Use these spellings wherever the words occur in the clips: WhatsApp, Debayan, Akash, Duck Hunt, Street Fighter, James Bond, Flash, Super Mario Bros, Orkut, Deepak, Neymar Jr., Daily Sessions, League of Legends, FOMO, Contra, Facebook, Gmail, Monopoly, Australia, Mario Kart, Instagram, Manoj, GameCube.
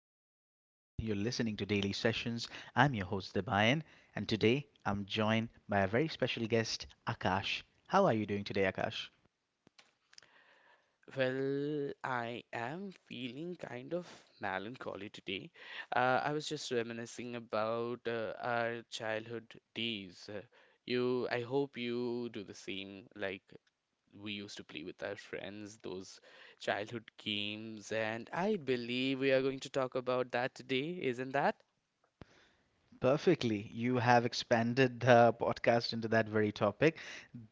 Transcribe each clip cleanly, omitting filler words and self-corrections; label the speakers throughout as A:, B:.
A: everyone. Once again, you're listening to Daily Sessions. I'm your host, Debayan, and today I'm joined by a very special guest, Akash. How are you doing today, Akash?
B: Well, I am feeling kind of melancholy today. I was just reminiscing about our childhood days. You, I hope you do the same. Like we used to play with our friends, those childhood games, and I believe we are going to talk about that today, isn't that?
A: Perfectly. You have expanded the podcast into that very topic.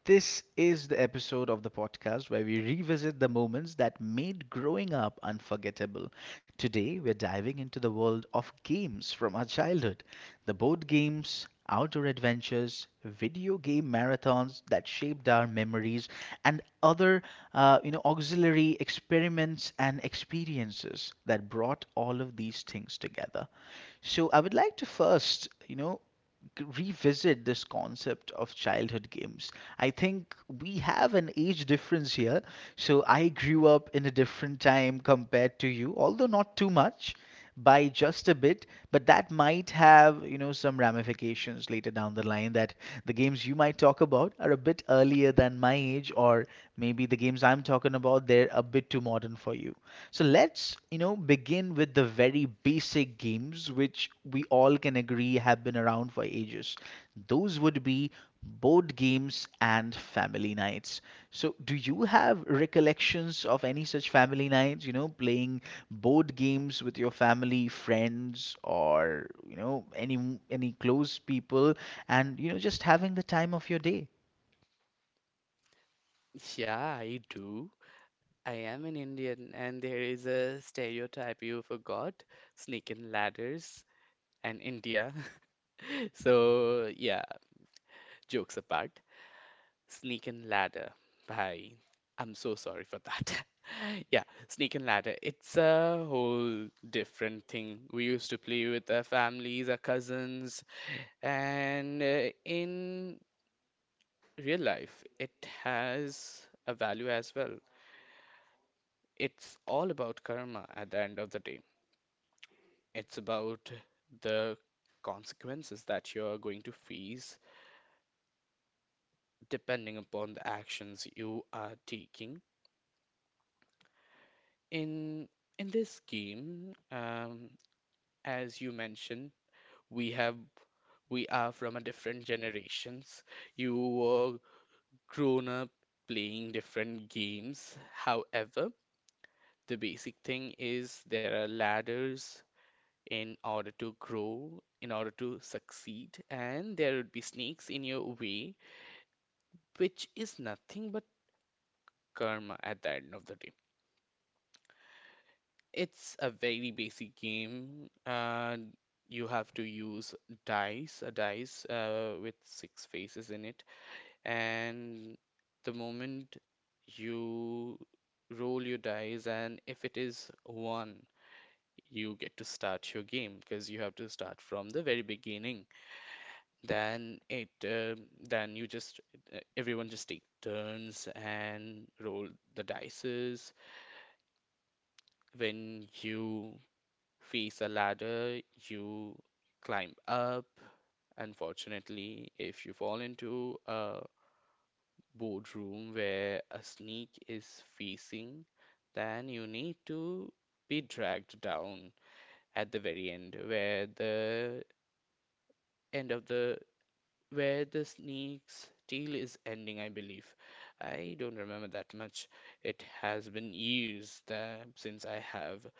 A: This is the episode of the podcast where we revisit the moments that made growing up unforgettable. Today, we're diving into the world of games from our childhood: the board games, outdoor adventures, video game marathons that shaped our memories, and other auxiliary experiments and experiences that brought all of these things together. So I would like to first, revisit this concept of childhood games. I think we have an age difference here. So I grew up in a different time compared to you, although not too much, by just a bit, but that might have, some ramifications later down the line that the games you might talk about are a bit earlier than my age, or maybe the games I'm talking about, they're a bit too modern for you. So let's, begin with the very basic games which we all can agree have been around for ages. Those would be board games and family nights. So do you have recollections of any such family nights, playing board games with your family, friends, or, any close people and, just having the time of your day?
B: Yeah, I do. I am an Indian, and there is a stereotype you forgot, snake sneaking ladders and India. So, yeah, jokes apart, Sneak and Ladder by I'm so sorry for that. Yeah, Sneak and Ladder, it's a whole different thing. We used to play with our families, our cousins, and in real life, it has a value as well. It's all about karma at the end of the day. It's about the consequences that you're going to face depending upon the actions you are taking. In in this game, as you mentioned, we have we are from a different generations. You were grown up playing different games. However, the basic thing is there are ladders in order to grow, in order to succeed, and there would be snakes in your way, which is nothing but karma at the end of the day. It's a very basic game. You have to use dice with six faces in it, and the moment you roll your dice, and if it is one, you get to start your game because you have to start from the very beginning. Then then you just everyone just take turns and roll the dices. When you face a ladder you climb up. Unfortunately, if you fall into a boardroom where a sneak is facing, then you need to be dragged down at the very end where the end of the where the sneak's tail is ending, I believe. I don't remember that much. It has been years that, since I have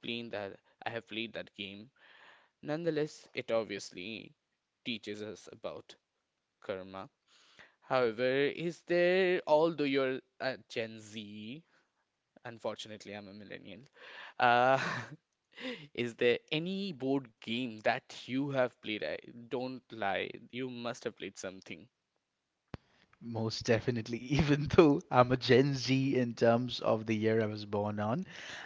B: played that I have played that game. Nonetheless, it obviously teaches us about karma. However, is there, although you're a Gen Z, unfortunately, I'm a millennial, uh, is there any board game that you have played? I don't lie, you must have played something.
A: Most definitely, even though I'm a Gen Z in terms of the year I was born on.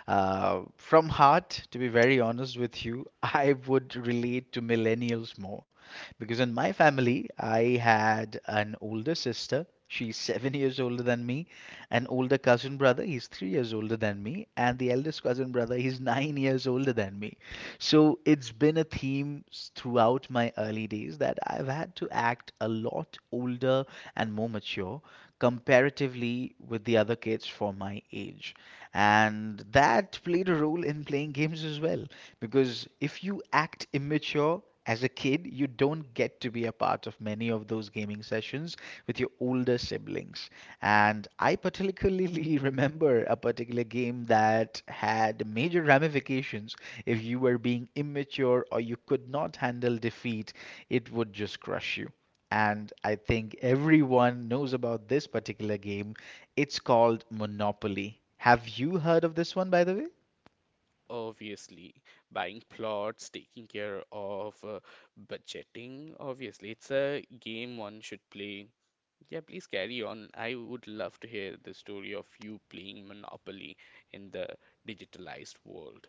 A: From heart, to be very honest with you, I would relate to millennials more because in my family, I had an older sister. She's 7 years older than me, an older cousin brother, he's 3 years older than me, and the eldest cousin brother, he's 9 years older than me. So it's been a theme throughout my early days that I've had to act a lot older and more mature comparatively with the other kids for my age. And that played a role in playing games as well. Because if you act immature, as a kid, you don't get to be a part of many of those gaming sessions with your older siblings. And I particularly remember a particular game that had major ramifications if you were being immature or you could not handle defeat, it would just crush you. And I think everyone knows about this particular game. It's called Monopoly. Have you heard of this one, by the way?
B: Obviously, buying plots, taking care of budgeting. Obviously, it's a game one should play. Yeah, please carry on. I would love to hear the story of you playing Monopoly in the digitalized world.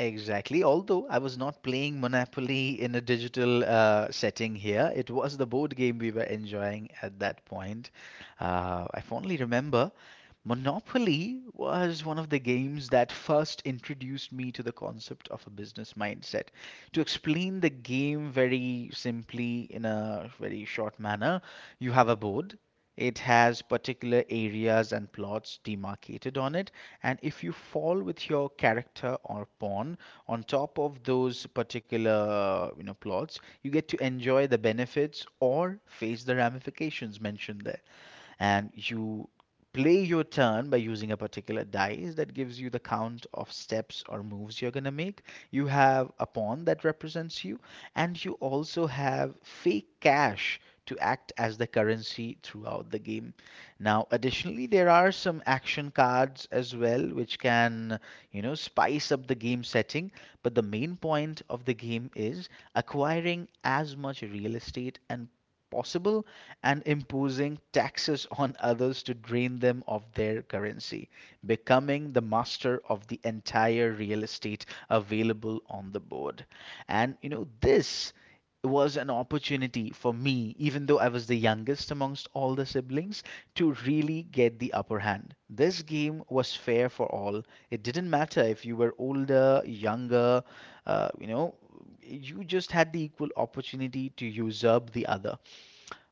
A: Exactly. Although I was not playing Monopoly in a digital setting here, it was the board game we were enjoying at that point. I fondly remember Monopoly was one of the games that first introduced me to the concept of a business mindset. To explain the game very simply, in a very short manner, you have a board. It has particular areas and plots demarcated on it. And if you fall with your character or pawn on top of those particular plots, you get to enjoy the benefits or face the ramifications mentioned there and you play your turn by using a particular dice that gives you the count of steps or moves you're going to make. You have a pawn that represents you, and you also have fake cash to act as the currency throughout the game. Now, additionally, there are some action cards as well, which can, spice up the game setting. But the main point of the game is acquiring as much real estate and possible and imposing taxes on others to drain them of their currency, becoming the master of the entire real estate available on the board. And this was an opportunity for me, even though I was the youngest amongst all the siblings, to really get the upper hand. This game was fair for all. It didn't matter if you were older, younger, uh, you know, you just had the equal opportunity to usurp the other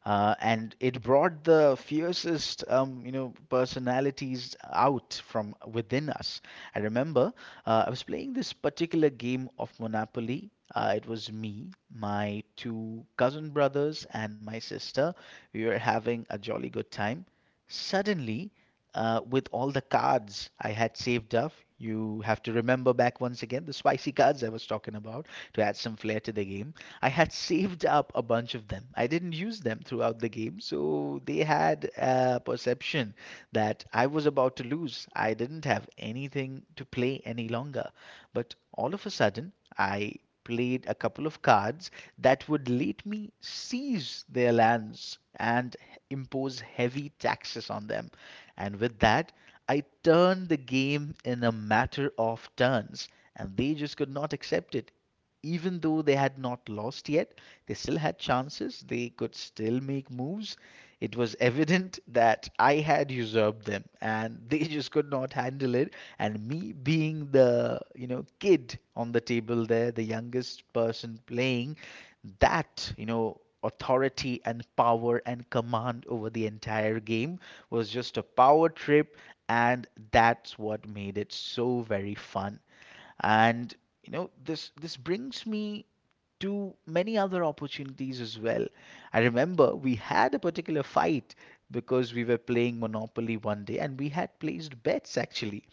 A: and it brought the fiercest personalities out from within us. I remember I was playing this particular game of Monopoly. It was me, my two cousin brothers, and my sister. We were having a jolly good time. Suddenly, with all the cards I had saved up, you have to remember back once again the spicy cards I was talking about to add some flair to the game. I had saved up a bunch of them. I didn't use them throughout the game, so they had a perception that I was about to lose. I didn't have anything to play any longer. But all of a sudden, I played a couple of cards that would let me seize their lands and impose heavy taxes on them. And with that, I turned the game in a matter of turns, and they just could not accept it even though they had not lost yet, they still had chances. They could still make moves. It was evident that I had usurped them and they just could not handle it. And me being the, kid on the table there, the youngest person playing, that, authority and power and command over the entire game was just a power trip. And that's what made it so very fun. And this brings me to many other opportunities as well. I remember we had a particular fight because we were playing Monopoly one day and we had placed bets actually.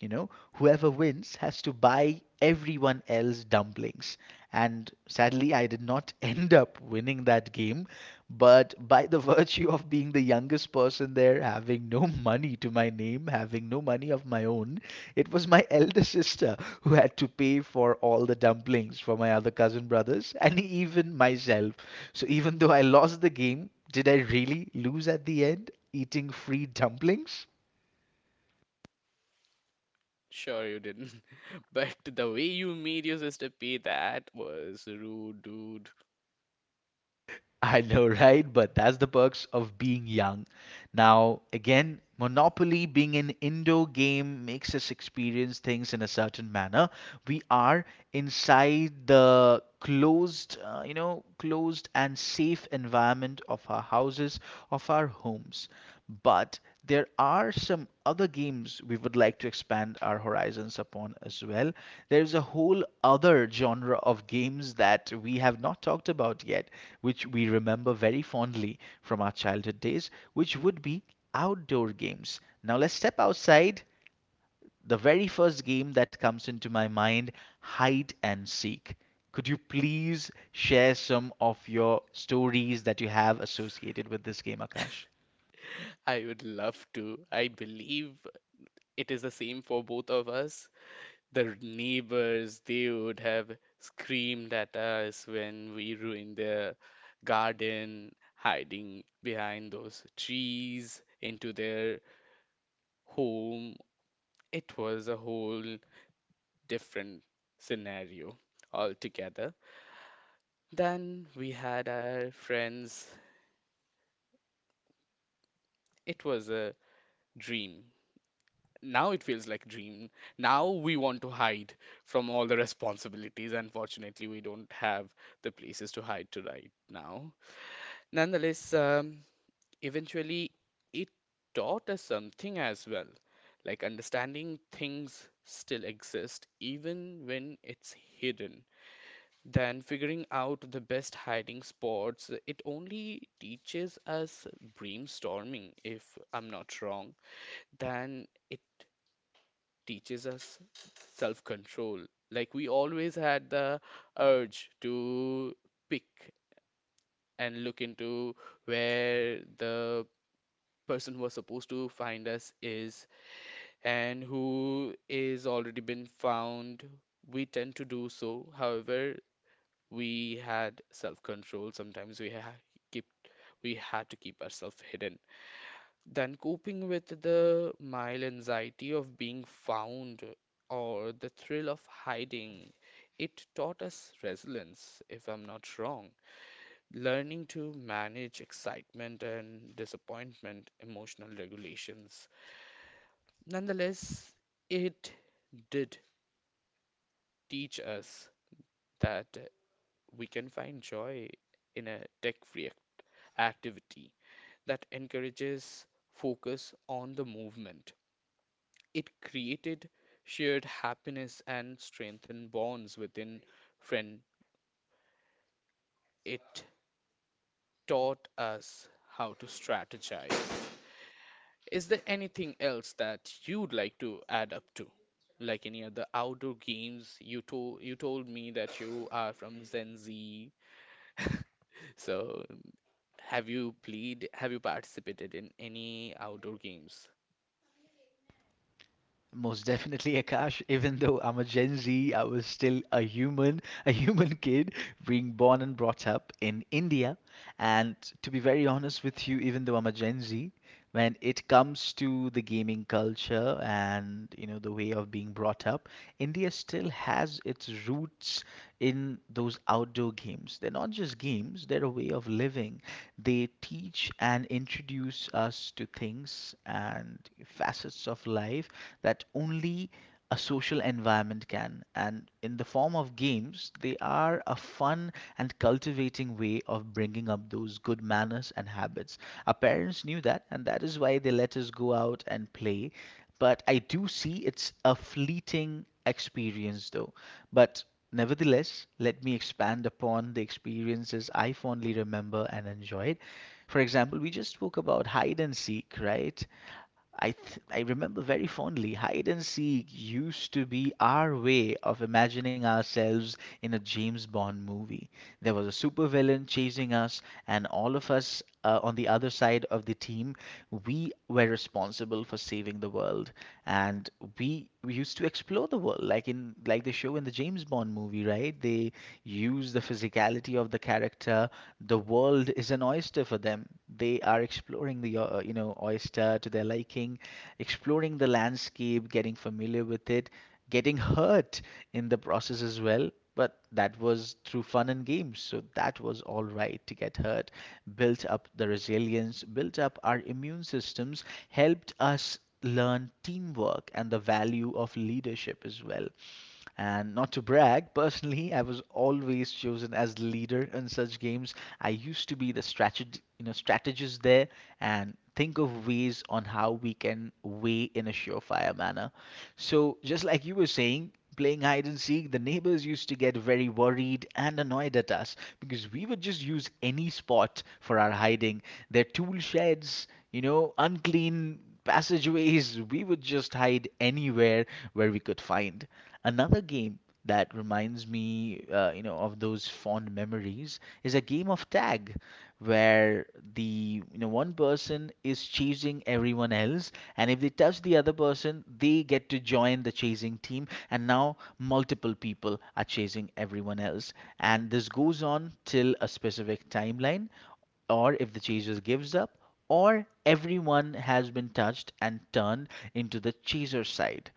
A: Whoever wins has to buy everyone else dumplings. And sadly, I did not end up winning that game but by the virtue of being the youngest person there, having no money to my name, having no money of my own, it was my elder sister who had to pay for all the dumplings for my other cousin brothers and even myself. So even though I lost the game, did I really lose at the end eating free dumplings?
B: Sure, you didn't, but the way you made your sister pay that was rude, dude.
A: I know, right? But that's the perks of being young. Now, again, Monopoly being an indoor game makes us experience things in a certain manner. We are inside the closed, closed and safe environment of our houses, of our homes. But there are some other games we would like to expand our horizons upon as well. There's a whole other genre of games that we have not talked about yet, which we remember very fondly from our childhood days, which would be outdoor games. Now let's step outside. The very first game that comes into my mind, hide and seek. Could you please share some of your stories that you have associated with this game, Akash?
B: I would love to. I believe it is the same for both of us. The neighbors, they would have screamed at us when we ruined their garden, hiding behind those trees into their home. It was a whole different scenario altogether. Then we had our friends. It was a dream. Now it feels like dream. Now we want to hide from all the responsibilities. Unfortunately, we don't have the places to hide to right now. Nonetheless, eventually it taught us something as well, like understanding things still exist even when it's hidden. Then figuring out the best hiding spots, it only teaches us brainstorming, if I'm not wrong. Then it teaches us self-control. Like we always had the urge to pick and look into where the person who was supposed to find us is and who is already been found, we tend to do so. However, we had self-control. Sometimes keep we had to keep ourselves hidden. Then coping with the mild anxiety of being found or the thrill of hiding, it taught us resilience, if I'm not wrong learning to manage excitement and disappointment, emotional regulations. Nonetheless, it did teach us that we can find joy in a tech free activity that encourages focus on the movement. It created shared happiness and strengthened bonds within friend. It taught us how to strategize, is there anything else that you'd like to add up to? Like any other outdoor games? You told me that you are from Gen Z, so have you participated in any outdoor games?
A: Most definitely, Akash. Even though I'm a Gen Z, I was still a human kid being born and brought up in India. And to be very honest with you, even though I'm a Gen Z, when it comes to the gaming culture and the way of being brought up, India still has its roots in those outdoor games. They're not just games, they're a way of living. They teach and introduce us to things and facets of life that only a social environment can. And in the form of games, they are a fun and cultivating way of bringing up those good manners and habits. Our parents knew that, and that is why they let us go out and play. But I do see it's a fleeting experience though. But nevertheless, let me expand upon the experiences I fondly remember and enjoyed. For example, we just spoke about hide and seek, right? I remember very fondly hide and seek used to be our way of imagining ourselves in a James Bond movie. There was a supervillain chasing us, and all of us on the other side of the team, we were responsible for saving the world, and we used to explore the world like in like the show in the James Bond movie, right? They use the physicality of the character. The world is an oyster for them. They are exploring the oyster to their liking, exploring the landscape, getting familiar with it, getting hurt in the process as well. But that was through fun and games, so that was all right to get hurt, built up the resilience, built up our immune systems, helped us learn teamwork and the value of leadership as well. And not to brag, personally, I was always chosen as leader in such games. I used to be the strategist there and think of ways on how we can weigh in a surefire manner. So, just like you were saying, playing hide and seek, the neighbors used to get very worried and annoyed at us because we would just use any spot for our hiding. Their tool sheds, you know, unclean passageways, we would just hide anywhere where we could find. Another game that reminds me, of those fond memories is a game of tag, where the one person is chasing everyone else, and if they touch the other person, they get to join the chasing team, and now multiple people are chasing everyone else, and this goes on till a specific timeline or if the chaser gives up, or everyone has been touched and turned into the chaser's side.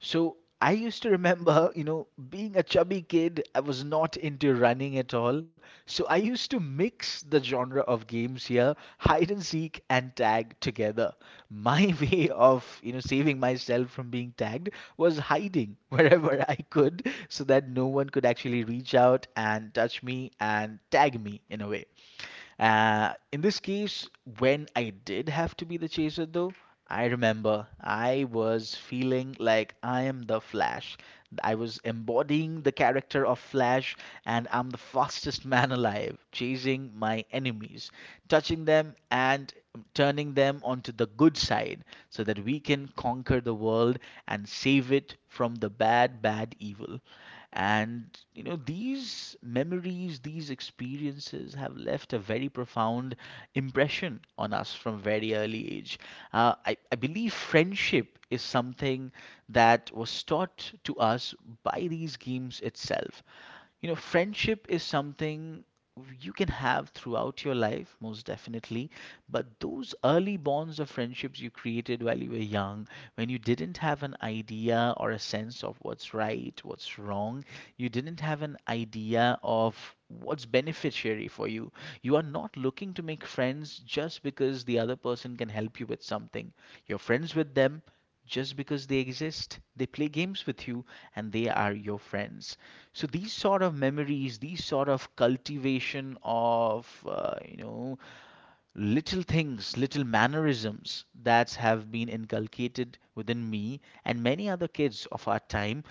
A: So I used to remember, you know, being a chubby kid, I was not into running at all. So I used to mix the genre of games here, hide and seek and tag together. My way of, you know, saving myself from being tagged was hiding wherever I could so that no one could actually reach out and touch me and tag me in a way. In this case, when I did have to be the chaser, though, I remember I was feeling like I am the Flash. I was embodying the character of Flash, and I'm the fastest man alive, chasing my enemies, touching them, and turning them onto the good side so that we can conquer the world and save it from the bad, bad evil. And, you know, these memories, these experiences have left a very profound impression on us from very early age. I believe friendship is something that was taught to us by these games itself. You know, friendship is something you can have throughout your life, most definitely, but those early bonds of friendships you created while you were young, when you didn't have an idea or a sense of what's right, what's wrong, you didn't have an idea of what's beneficiary for you. You are not looking to make friends just because the other person can help you with something. You're friends with them just because they exist. They play games with you and they are your friends. So these sort of memories, these sort of cultivation of, little things, little mannerisms that have been inculcated within me and many other kids of our time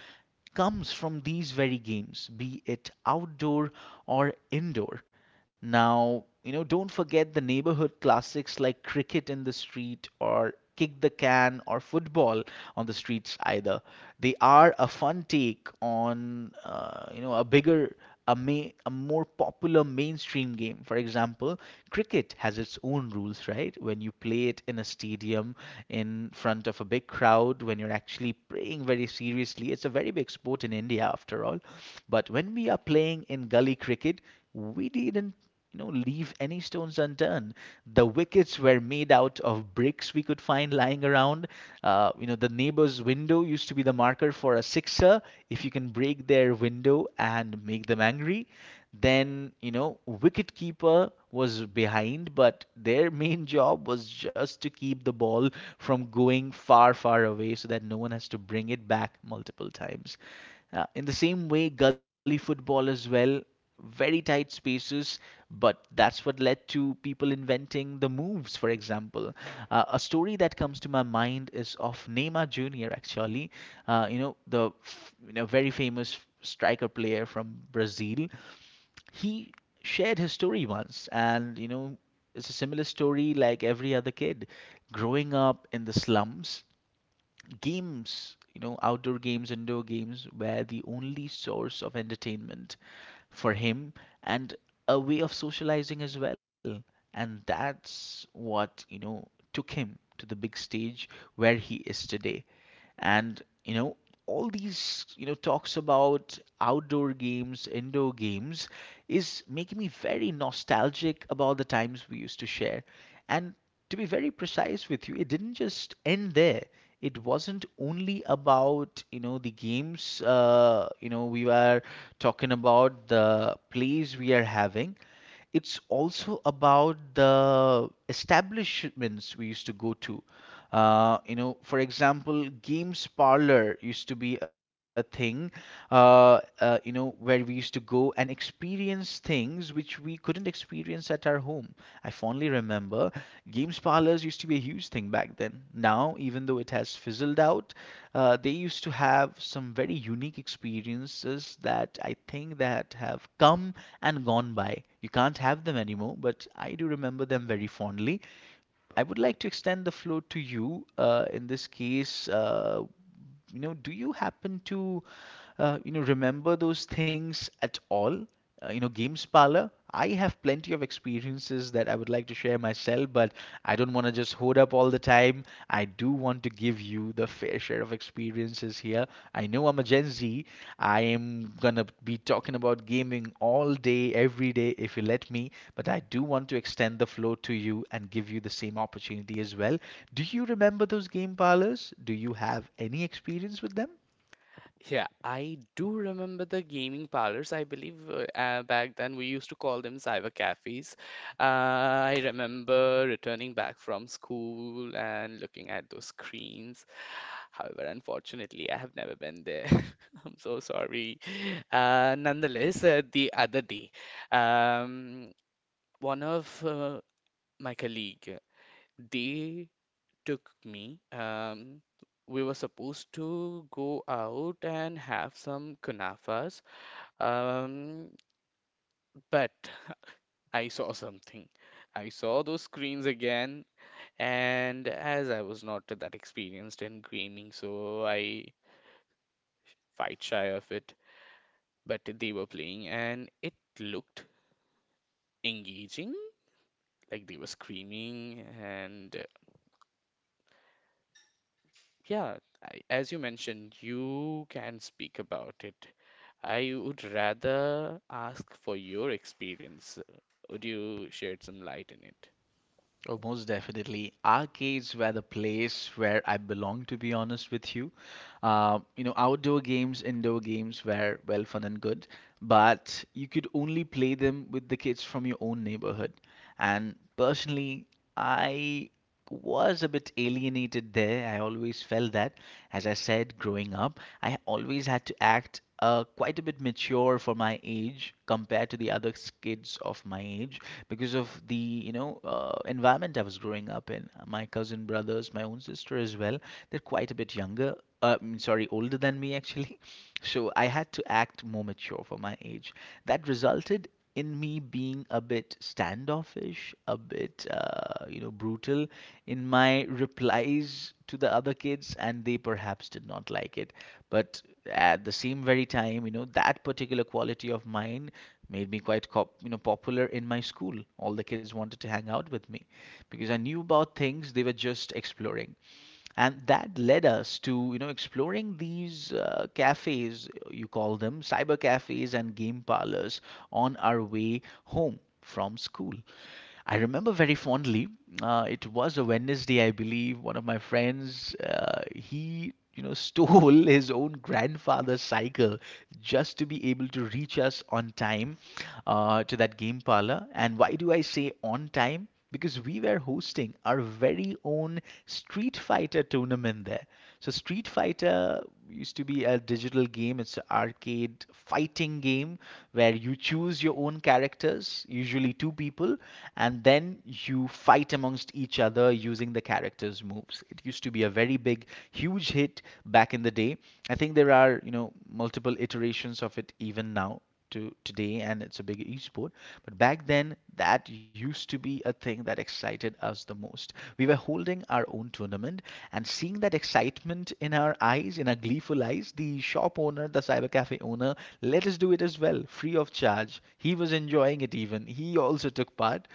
A: comes from these very games, be it outdoor or indoor. Now, you know, don't forget the neighborhood classics like cricket in the street or kick the can or football on the streets either. They are a fun take on, a bigger, a more popular mainstream game. For example, cricket has its own rules, right? When you play it in a stadium in front of a big crowd, when you're actually playing very seriously, it's a very big sport in India after all. But when we are playing in gully cricket, we didn't, you know, leave any stones unturned. The wickets were made out of bricks we could find lying around. You know, the neighbor's window used to be the marker for a sixer if you can break their window and make them angry. Then, you know, wicketkeeper was behind, but their main job was just to keep the ball from going far, far away so that no one has to bring it back multiple times. In the same way, gully football as well, very tight spaces, but that's what led to people inventing the moves, for example. A story that comes to my mind is of Neymar Jr., actually. You know, the f- you know, Very famous striker player from Brazil, he shared his story once, and you know, it's a similar story like every other kid growing up in the slums. Games, you know, outdoor games, indoor games were the only source of entertainment for him, and a way of socializing as well. And that's what, you know, took him to the big stage where he is today. And, you know, all these, you know, talks about outdoor games, indoor games is making me very nostalgic about the times we used to share. And to be very precise with you, it didn't just end there. It wasn't only about, you know, the games. You know, we were talking about the plays we are having. It's also about the establishments we used to go to. You know, for example, games parlor used to be a thing. You know, where we used to go and experience things which we couldn't experience at our home. I fondly remember games parlors used to be a huge thing back then. Now, even though it has fizzled out, they used to have some very unique experiences that I think that have come and gone by. You can't have them anymore, but I do remember them very fondly. I would like to extend the floor to you. In this case, do you happen to, remember those things at all? You know, games parlor, I have plenty of experiences that I would like to share myself, but I don't want to just hold up all the time. I do want to give you the fair share of experiences here. I know I'm a Gen Z. I am gonna be talking about gaming all day every day if you let me, but I do want to extend the floor to you and give you the same opportunity as well. Do you remember those game parlors? Do you have any experience with them?
B: Yeah, I do remember the gaming parlors. I believe back then we used to call them cyber cafes. I remember returning back from school and looking at those screens. However, unfortunately, I have never been there. I'm so sorry. Nonetheless, the other day, um, one of my colleague, they took me. We were supposed to go out and have some kunafas, um, but I saw something. I saw those screens again, and as I was not that experienced in gaming, so I fight shy of it. But they were playing, and it looked engaging. Like they were screaming and yeah, I, as you mentioned, you can speak about it. I would rather ask for your experience. Would you shed some light in it?
A: Oh, most definitely. Arcades were the place where I belonged, to be honest with you. Outdoor games, indoor games were well fun and good, but you could only play them with the kids from your own neighborhood. And personally, I was a bit alienated there. I always felt that, as I said, growing up, I always had to act quite a bit mature for my age compared to the other kids of my age because of the environment I was growing up in. My cousin brothers, my own sister as well, they're quite a bit younger. Sorry, older than me actually. So I had to act more mature for my age. That resulted in me being a bit standoffish, a bit, brutal in my replies to the other kids, and they perhaps did not like it. But at the same very time, you know, that particular quality of mine made me quite, cop you know, popular in my school. All the kids wanted to hang out with me because I knew about things they were just exploring, and that led us to, you know, exploring these cafes. You call them cyber cafes and game parlors on our way home from school. I remember very fondly, it was a Wednesday, I believe. One of my friends, he, you know, stole his own grandfather's cycle just to be able to reach us on time, to that game parlor. And why do I say on time? Because we were hosting our very own Street Fighter tournament there. So Street Fighter used to be a digital game. It's an arcade fighting game where you choose your own characters, usually two people, and then you fight amongst each other using the characters' moves. It used to be a very big, huge hit back in the day. I think there are, you know, multiple iterations of it even now to today, and it's a big esport. But back then, that used to be a thing that excited us the most. We were holding our own tournament, and seeing that excitement in our eyes, in our gleeful eyes, the shop owner, the cyber cafe owner, let us do it as well, free of charge. He was enjoying it. Even he also took part.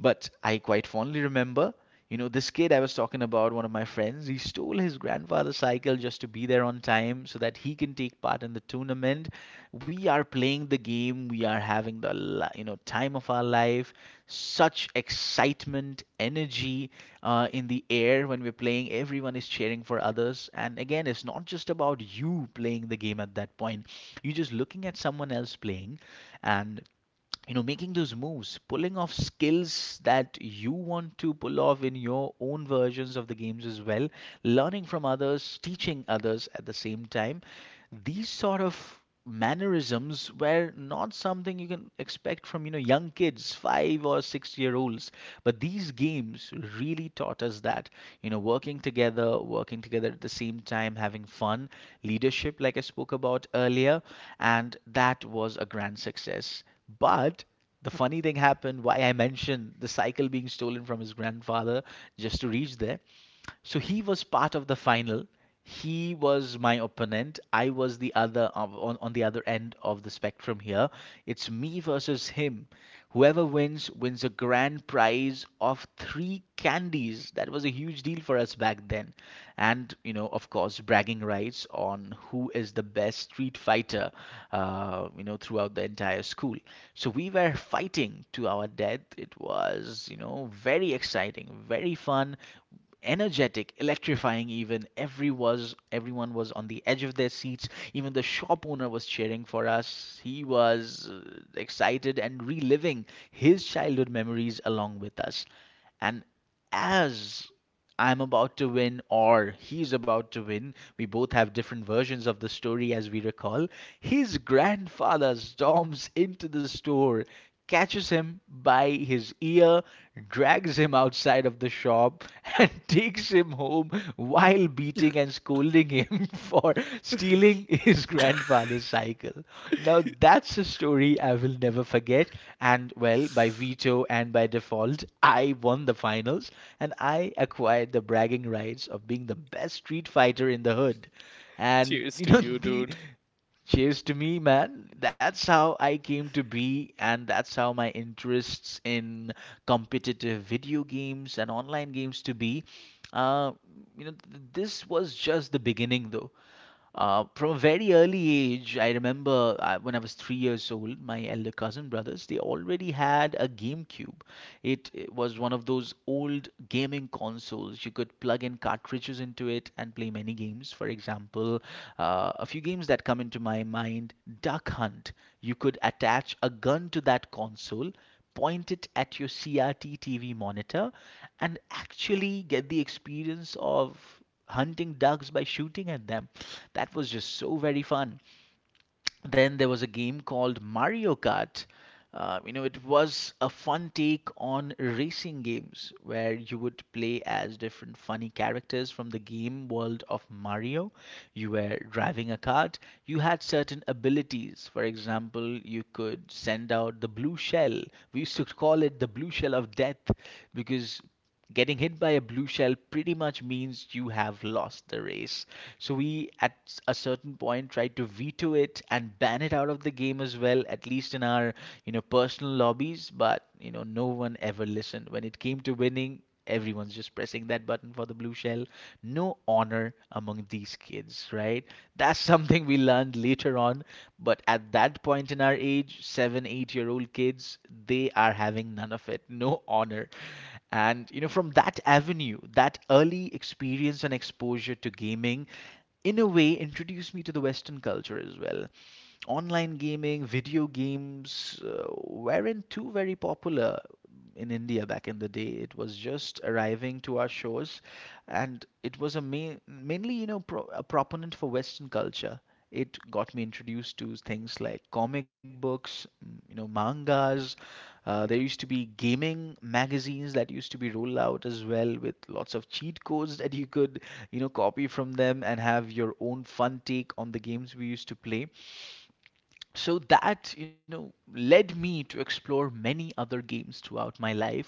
A: But I quite fondly remember, you know, this kid I was talking about, one of my friends, he stole his grandfather's cycle just to be there on time so that he can take part in the tournament. We are playing the game, we are having the, time of our life. Such excitement, energy, in the air when we're playing. Everyone is cheering for others. And again, it's not just about you playing the game at that point. You're just looking at someone else playing and making those moves, pulling off skills that you want to pull off in your own versions of the games as well, learning from others, teaching others at the same time. These sort of mannerisms were not something you can expect from young kids, 5 or 6-year olds, but these games really taught us that, working together, working together at the same time, having fun, leadership, like I spoke about earlier. And that was a grand success. But the funny thing happened, why I mentioned the cycle being stolen from his grandfather just to reach there. So he was part of the final. He was my opponent. I was the other on the other end of the spectrum here. It's me versus him. Whoever wins wins a grand prize of three candies. That was a huge deal for us back then. And, of course, bragging rights on who is the best street fighter, throughout the entire school. So we were fighting to our death. It was, very exciting, very fun, energetic, electrifying even. Everyone was on the edge of their seats. Even the shop owner was cheering for us. He was excited and reliving his childhood memories along with us. And as I'm about to win or he's about to win. We both have different versions of the story as we recall. His grandfather storms into the store, catches him by his ear, drags him outside of the shop, and takes him home while beating and scolding him for stealing his grandfather's cycle. Now, that's a story I will never forget. And well, by veto and by default, I won the finals, and I acquired the bragging rights of being the best street fighter in the hood. And
B: Cheers to you,
A: the
B: dude.
A: Cheers to me, man. That's how I came to be, and that's how my interests in competitive video games and online games to be. Uh, this was just the beginning, though. From a very early age, I remember when I was 3 years old, my elder cousin brothers, they already had a GameCube. It was one of those old gaming consoles. You could plug in cartridges into it and play many games. For example, a few games that come into my mind: Duck Hunt. You could attach a gun to that console, point it at your CRT TV monitor, and actually get the experience of hunting ducks by shooting at them. That was just so very fun. Then there was a game called Mario Kart. It was a fun take on racing games where you would play as different funny characters from the game world of Mario. You were driving a cart. You had certain abilities. For example, you could send out the blue shell. We used to call it the blue shell of death because getting hit by a blue shell pretty much means you have lost the race. So we at a certain point tried to veto it and ban it out of the game as well, at least in our personal lobbies. But no one ever listened. When it came to winning, everyone's just pressing that button for the blue shell. No honor among these kids, right? That's something we learned later on. But at that point in our age, 7, 8 year old kids, they are having none of it. No honor. And from that avenue, that early experience and exposure to gaming, in a way, introduced me to the Western culture as well. Online gaming, video games weren't too very popular in India back in the day. It was just arriving to our shores, and it was a main, mainly, you know, pro a proponent for Western culture. It got me introduced to things like comic books, mangas. There used to be gaming magazines that used to be rolled out as well, with lots of cheat codes that you could, copy from them and have your own fun take on the games we used to play. So that led me to explore many other games throughout my life.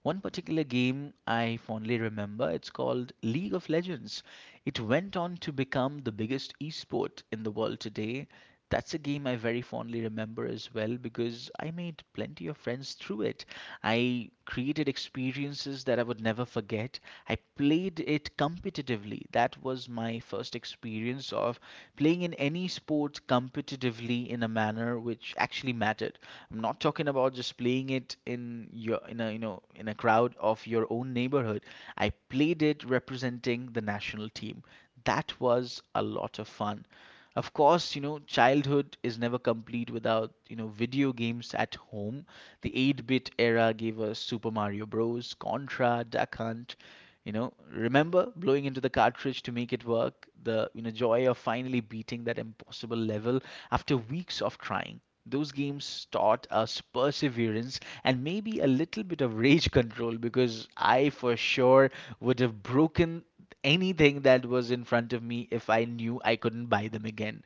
A: One particular game I fondly remember, it's called League of Legends. It went on to become the biggest esport in the world today. That's a game I very fondly remember as well, because I made plenty of friends through it. I created experiences that I would never forget. I played it competitively. That was my first experience of playing in any sport competitively in a manner which actually mattered. I'm not talking about just playing it in your in a you know in a crowd of your own neighborhood. I played it representing the national team. That was a lot of fun. Of course, childhood is never complete without video games at home. The 8-bit era gave us Super Mario Bros, Contra, Duck Hunt. Remember blowing into the cartridge to make it work, the joy of finally beating that impossible level after weeks of trying. Those games taught us perseverance, and maybe a little bit of rage control, because I for sure would have broken anything that was in front of me if I knew I couldn't buy them again.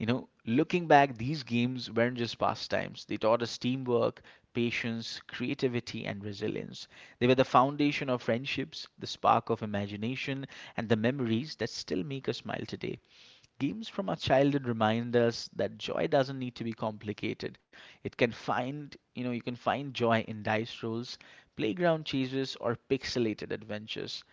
A: Looking back, these games weren't just pastimes. They taught us teamwork, patience, creativity, and resilience. They were the foundation of friendships, the spark of imagination, and the memories that still make us smile today. Games from our childhood remind us that joy doesn't need to be complicated. It can find, you know, you can find joy in dice rolls, playground chases, or pixelated adventures.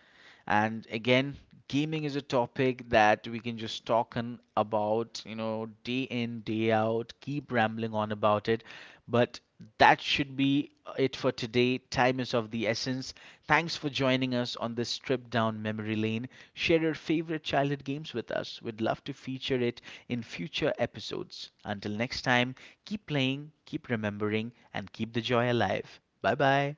A: And again, gaming is a topic that we can just talk on about, day in, day out, keep rambling on about it. But that should be it for today. Time is of the essence. Thanks for joining us on this trip down memory lane. Share your favorite childhood games with us. We'd love to feature it in future episodes. Until next time, keep playing, keep remembering, and keep the joy alive. Bye bye.